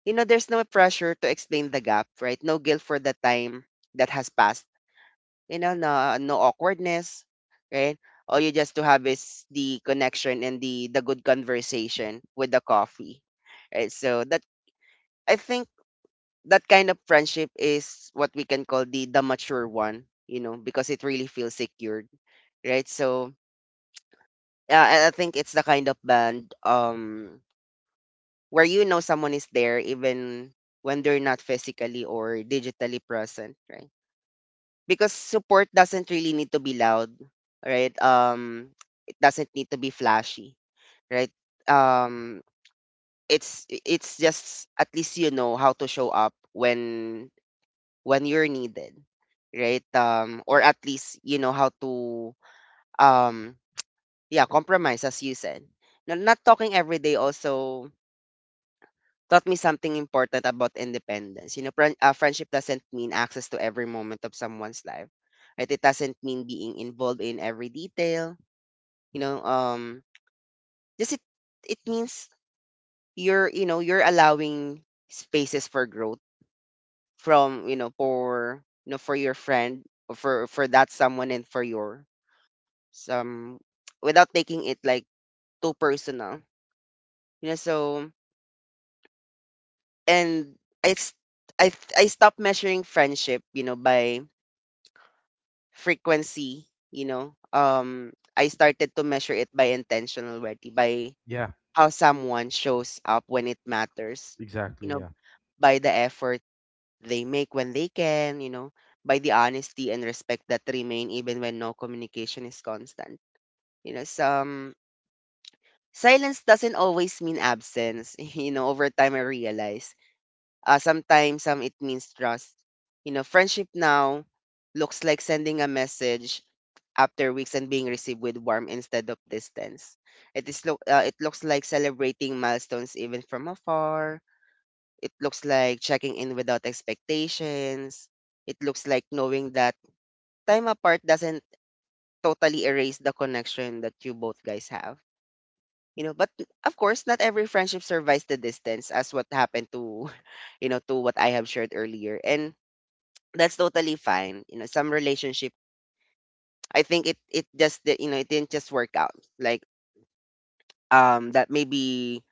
There's no pressure to explain the gap, right? No guilt for the time that has passed. No awkwardness, right? All you just to have is the connection, and the good conversation with the coffee, right? So that I think that kind of friendship is what we can call the mature one, because it really feels secured, right? So yeah, I think it's the kind of band, where you know someone is there even when they're not physically or digitally present, right? Because support doesn't really need to be loud, right? It doesn't need to be flashy, right? Um it's just at least you know how to show up when you're needed, right? Or at least you know how to, um yeah, compromise as you said. Now, not talking every day also taught me something important about independence. Friendship doesn't mean access to every moment of someone's life. Right? It doesn't mean being involved in every detail. You know, um, just it it means you're you know you're allowing spaces for growth from you know for your friend or for that someone and for your some without taking it like too personal. You know, so and I s- I stopped measuring friendship, you know, by frequency, I started to measure it by intention already, by Yeah, how someone shows up when it matters, you exactly, know, yeah. by the effort they make when they can, you know, by the honesty and respect that remain even when no communication is constant. You know, some silence doesn't always mean absence. You know, over time I realize sometimes it means trust. You know, friendship now looks like sending a message after weeks and being received with warmth instead of distance. It looks like celebrating milestones even from afar. It looks like checking in without expectations. It looks like knowing that time apart doesn't totally erase the connection that you both guys have. You know, but of course, not every friendship survives the distance, as what happened to, you know, to what I have shared earlier, and that's totally fine. You know, some relationship, I think it just you know it didn't just work out. Like that maybe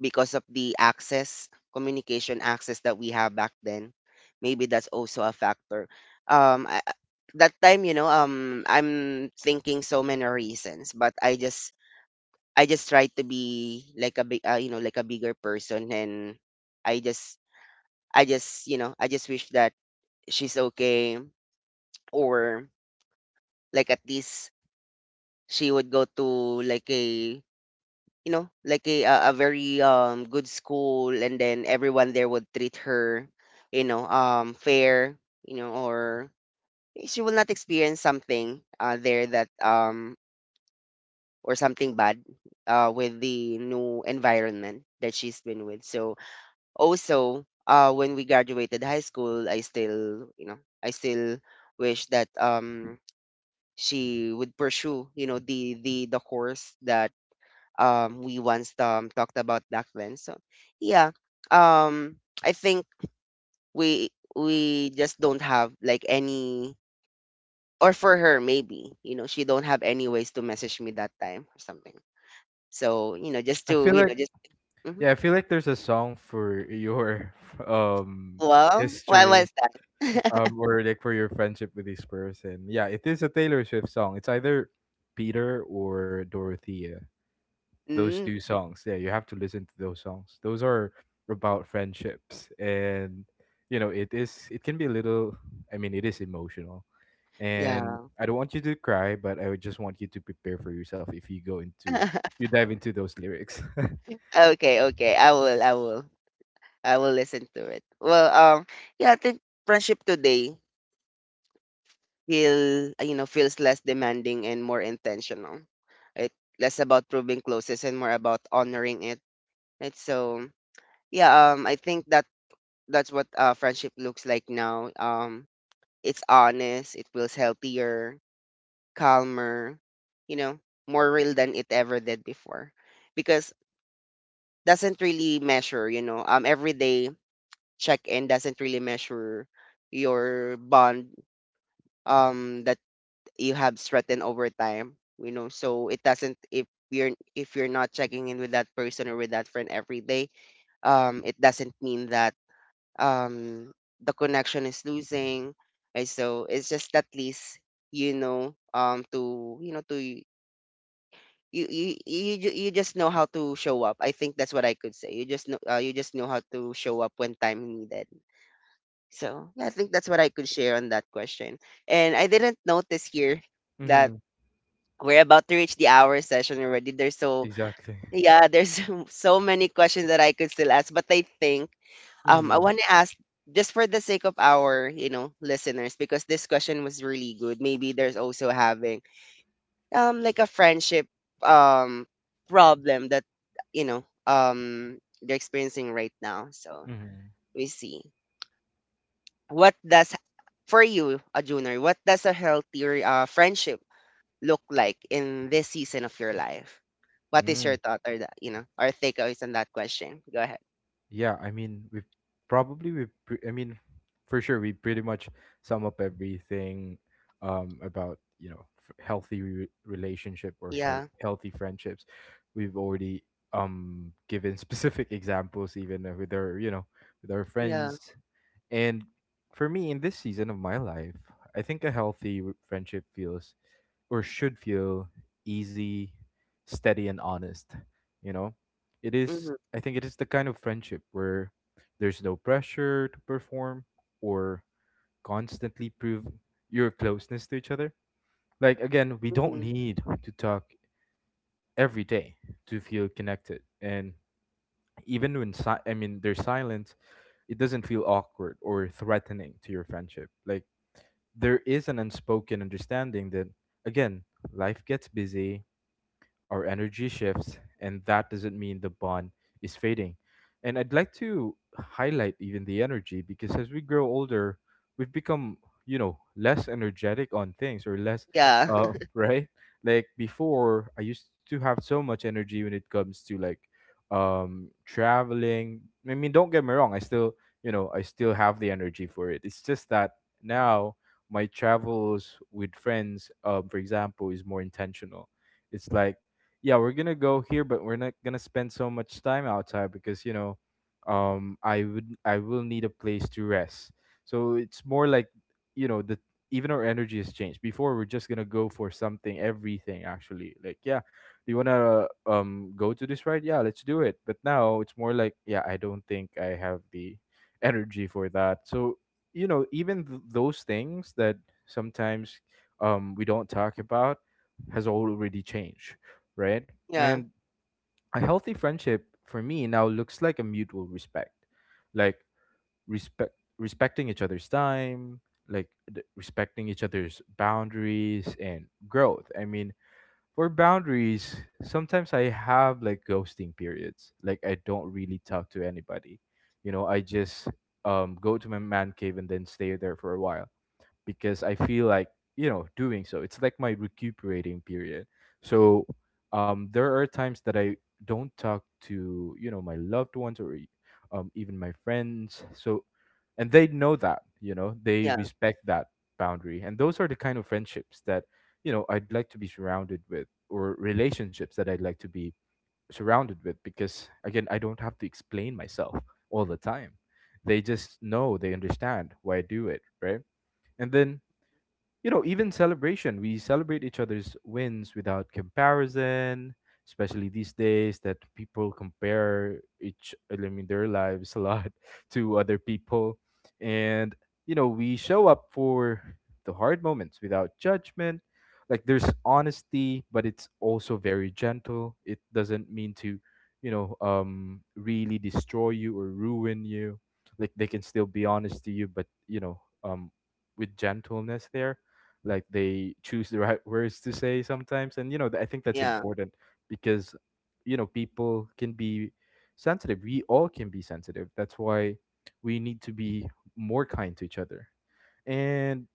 because of the access communication access that we have back then maybe that's also a factor. um I, I- that time, you know, I'm thinking so many reasons, but I just I just tried to be like a big you know, like a bigger person, and I just I just wish that she's okay, or like at least she would go to like a you know, like a very good school, and then everyone there would treat her, you know, fair, you know, or she will not experience something there that or something bad with the new environment that she's been with. So also when we graduated high school, I still wish that she would pursue you know the course that we once talked about back then. So yeah, um I think we we just don't have like any, or for her maybe you know she don't have any ways to message me that time or something. So you know just I to feel you know like just mhm. Yeah, I feel like there's a song for your um Well why history was that? Or like for your friendship with this person. Yeah, it is a Taylor Swift song. It's either Peter or Dorothea. Those Mm, two songs. Yeah, you have to listen to those songs. Those are about friendships, and you know, it is, it can be a little, I mean, it is emotional. And yeah. I don't want you to cry, but I would just want you to prepare for yourself if you go into, you dive into those lyrics. Okay, okay, I will listen to it. Well, yeah, I think friendship today feel you know feels less demanding and more intentional, right? Less about proving closest and more about honoring it, right? So yeah, I think that that's what friendship looks like now. It's honest, it feels healthier, calmer, you know, more real than it ever did before, because doesn't really measure you know everyday check in doesn't really measure your bond that you have strengthened over time, you know, so it doesn't. If you're not checking in with that person or with that friend every day, it doesn't mean that um the connection is losing. And so it's just at least you know to you know to y- you ju- you just know how to show up. I think that's what I could say. You just know you just know how to show up when time needed. So yeah, I think that's what I could share on that question. And I didn't notice here that Hmm. we're about to reach the hour session already. There's so, Exactly. yeah, there's so many questions that I could still ask, but I think I Mm-hmm. want to ask, just for the sake of our you know listeners, because this question was really good. Maybe there's also having like a friendship um problem that you know they're experiencing right now. So Mhm. we see, what does, for you, a junior, what does a healthy friendship look like in this season of your life? What is Mm. your thought or that, you know, or takeaways on that question? Go ahead. Yeah, I mean, we probably we pre- I mean, for sure we pretty much sum up everything about, you know, healthy relationship, or Yeah. healthy friendships. We've already given specific examples even with our, you know, with our Yeah. friends. And for me, in this season of my life, I think a healthy friendship feels or should feel easy, steady, and honest. You know, it Hmm. is, I think it is the kind of friendship where there's no pressure to perform or constantly prove your closeness to each other. Like, again, we don't Hmm. need to talk every day to feel connected. And even when I mean there's silence, it doesn't feel awkward or threatening to your friendship. Like there is an unspoken understanding that, again, life gets busy, our energy shifts, and that doesn't mean the bond is fading. And I'd like to highlight even the energy because as we grow older, we've become, you know, less energetic on things, or less, Yeah. Right? Like before, I used to have so much energy when it comes to like traveling. I mean, don't get me wrong, I still, you know, I still have the energy for it. It's just that now my travels with friends, for example, is more intentional. It's like yeah, we're gonna go here, but we're not gonna spend so much time outside because, you know, I will need a place to rest. So it's more like, you know, the, even our energy has changed. Before we're just gonna go for something, everything actually. Like yeah, do you wanna go to this ride? Yeah, let's do it. But now it's more like yeah, I don't think I have the energy for that. So you know even those things that sometimes we don't talk about has already changed, right? Yeah. And a healthy friendship for me now looks like a mutual respect, like respect respecting each other's time, like respecting each other's boundaries and growth. I mean, for boundaries, sometimes I have like ghosting periods. Like I don't really talk to anybody. You know, I just go to my man cave and then stay there for a while because I feel like, you know, doing so. It's like my recuperating period. So there are times that I don't talk to, you know, my loved ones, or even my friends. So and they know that, you know, they Yeah. respect that boundary, and those are the kind of friendships that, you know, I'd like to be surrounded with, or relationships that I'd like to be surrounded with, because again I don't have to explain myself all the time. They just know, they understand why I do it, right? And then, you know, even celebration. We celebrate each other's wins without comparison, especially these days that people compare each, I mean, their lives a lot to other people. And, you know, we show up for the hard moments without judgment. Like there's honesty, but it's also very gentle. It doesn't mean to, you know, really destroy you or ruin you. Like they can still be honest to you, but, you know, with gentleness there, like they choose the right words to say sometimes, and you know I think that's Yeah. important because, you know, people can be sensitive, we all can be sensitive, that's why we need to be more kind to each other. And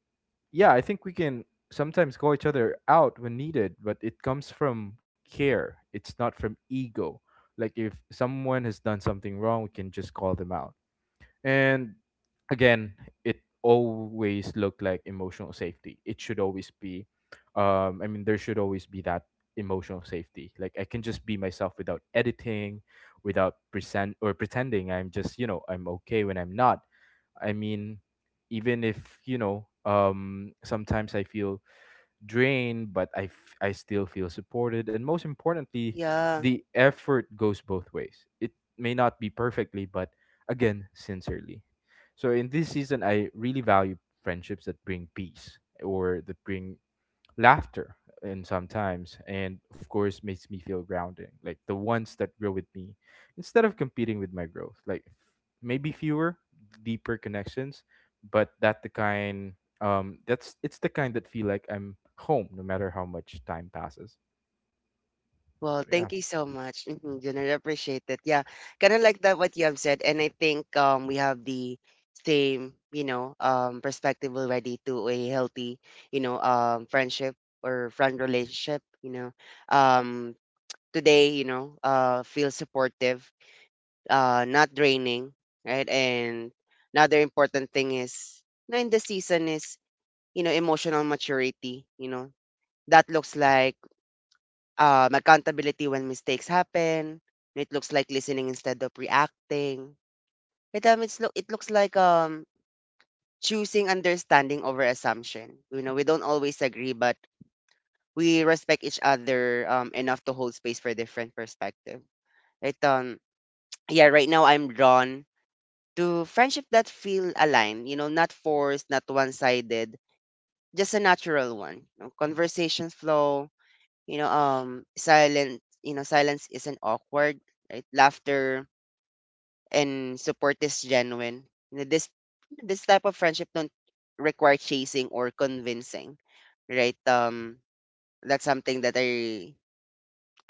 yeah, I think we can sometimes call each other out when needed, but it comes from care, it's not from ego. Like if someone has done something wrong, we can just call them out. And again, it always looked like emotional safety. It should always be, I mean, there should always be that emotional safety. Like I can just be myself without editing, without present or pretending I'm just, you know, I'm okay when I'm not. I mean, even if, you know, sometimes I feel drained, but I still feel supported. And most importantly, Yeah. the effort goes both ways. It may not be perfectly, but again, sincerely. So in this season, I really value friendships that bring peace, or that bring laughter, and sometimes and of course makes me feel grounding, like the ones that grow with me instead of competing with my growth, like maybe fewer deeper connections, but that the kind, that's, it's the kind that feel like I'm home no matter how much time passes. So Well, yeah. thank you so much. Mm-hmm. Generally appreciate it. Yeah. Kind of like that what you have said. And I think we have the same, you know, perspective already to a healthy, you know, friendship or friend relationship, you know. Um Today, you know, feel supportive, not draining, right? And another important thing is, you know, in the season is, you know, emotional maturity. You know, that looks like accountability when mistakes happen. It looks like listening instead of reacting. It it looks like choosing understanding over assumption. You know, we don't always agree, but we respect each other enough to hold space for different perspective. Right? Yeah, right now I'm drawn to friendship that feel aligned, you know, not forced, not one-sided, just a natural one. You know, conversation flow, you know, silence isn't awkward, right? Laughter and support is genuine. You know, this type of friendship don't require chasing or convincing, right? That's something that I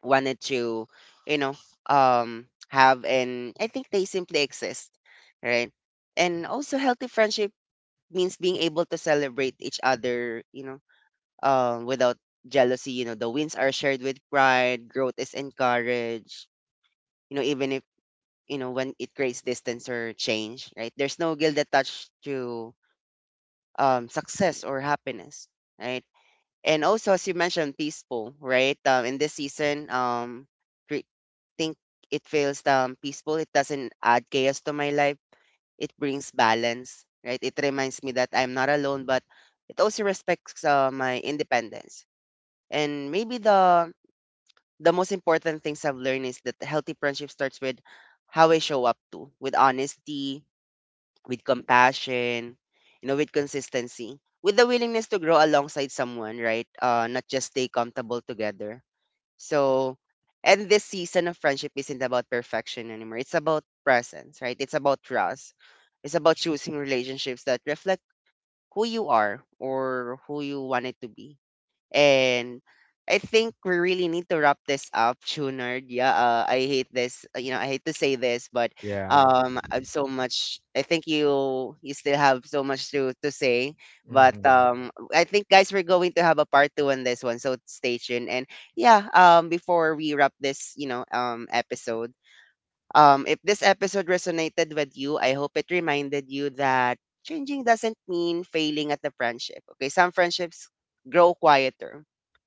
wanted to, you know, have, and I think they simply exist, right? And also healthy friendship means being able to celebrate each other, you know, without jealousy. You know, the wins are shared with pride, growth is encouraged, you know, even if, you know, when it creates distance or change, right? There's no guilt attached to success or happiness, right? And also, as you mentioned, peaceful, right? In this season, re- think it feels peaceful. It doesn't add chaos to my life. It brings balance, right? It reminds me that I'm not alone, but it also respects my independence. And maybe the most important things I've learned is that healthy friendship starts with how I show up to, with honesty, with compassion, you know, with consistency, with the willingness to grow alongside someone, right? Not just stay comfortable together. So, and this season of friendship isn't about perfection anymore. It's about presence, right? It's about trust. It's about choosing relationships that reflect who you are or who you wanted to be. And I think we really need to wrap this up, Junard. Yeah, I hate this. You know, I hate to say this, but Yeah. I'm so much. I think you still have so much to say. But Mm-hmm. I think guys, we're going to have a part two on this one, so stay tuned. And yeah, before we wrap this, you know, episode, if this episode resonated with you, I hope it reminded you that changing doesn't mean failing at the friendship. Okay, some friendships grow quieter,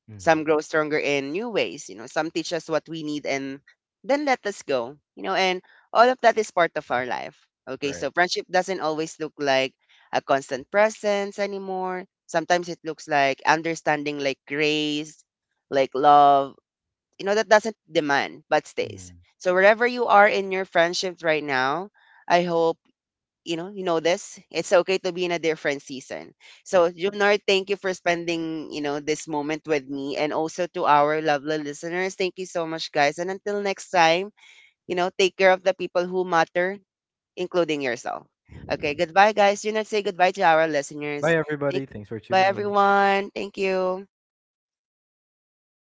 Mm-hmm. some grow stronger in new ways, you know, some teach us what we need and then let us go, you know, and all of that is part of our life. Okay, Right. so friendship doesn't always look like a constant presence anymore. Sometimes it looks like understanding, like grace, like love, you know, that doesn't demand but Mm. stays. So wherever you are in your friendships right now, I hope you know this, it's okay to be in a different season. Yeah. So Junior, thank you for spending you know this moment with me, and also to our lovely listeners, thank you so much guys, and until next time, you know, take care of the people who matter, including yourself. Okay, goodbye guys. Junior, say goodbye to our listeners. Bye Thank- everybody, thanks for Bye tuning in. everyone, thank you.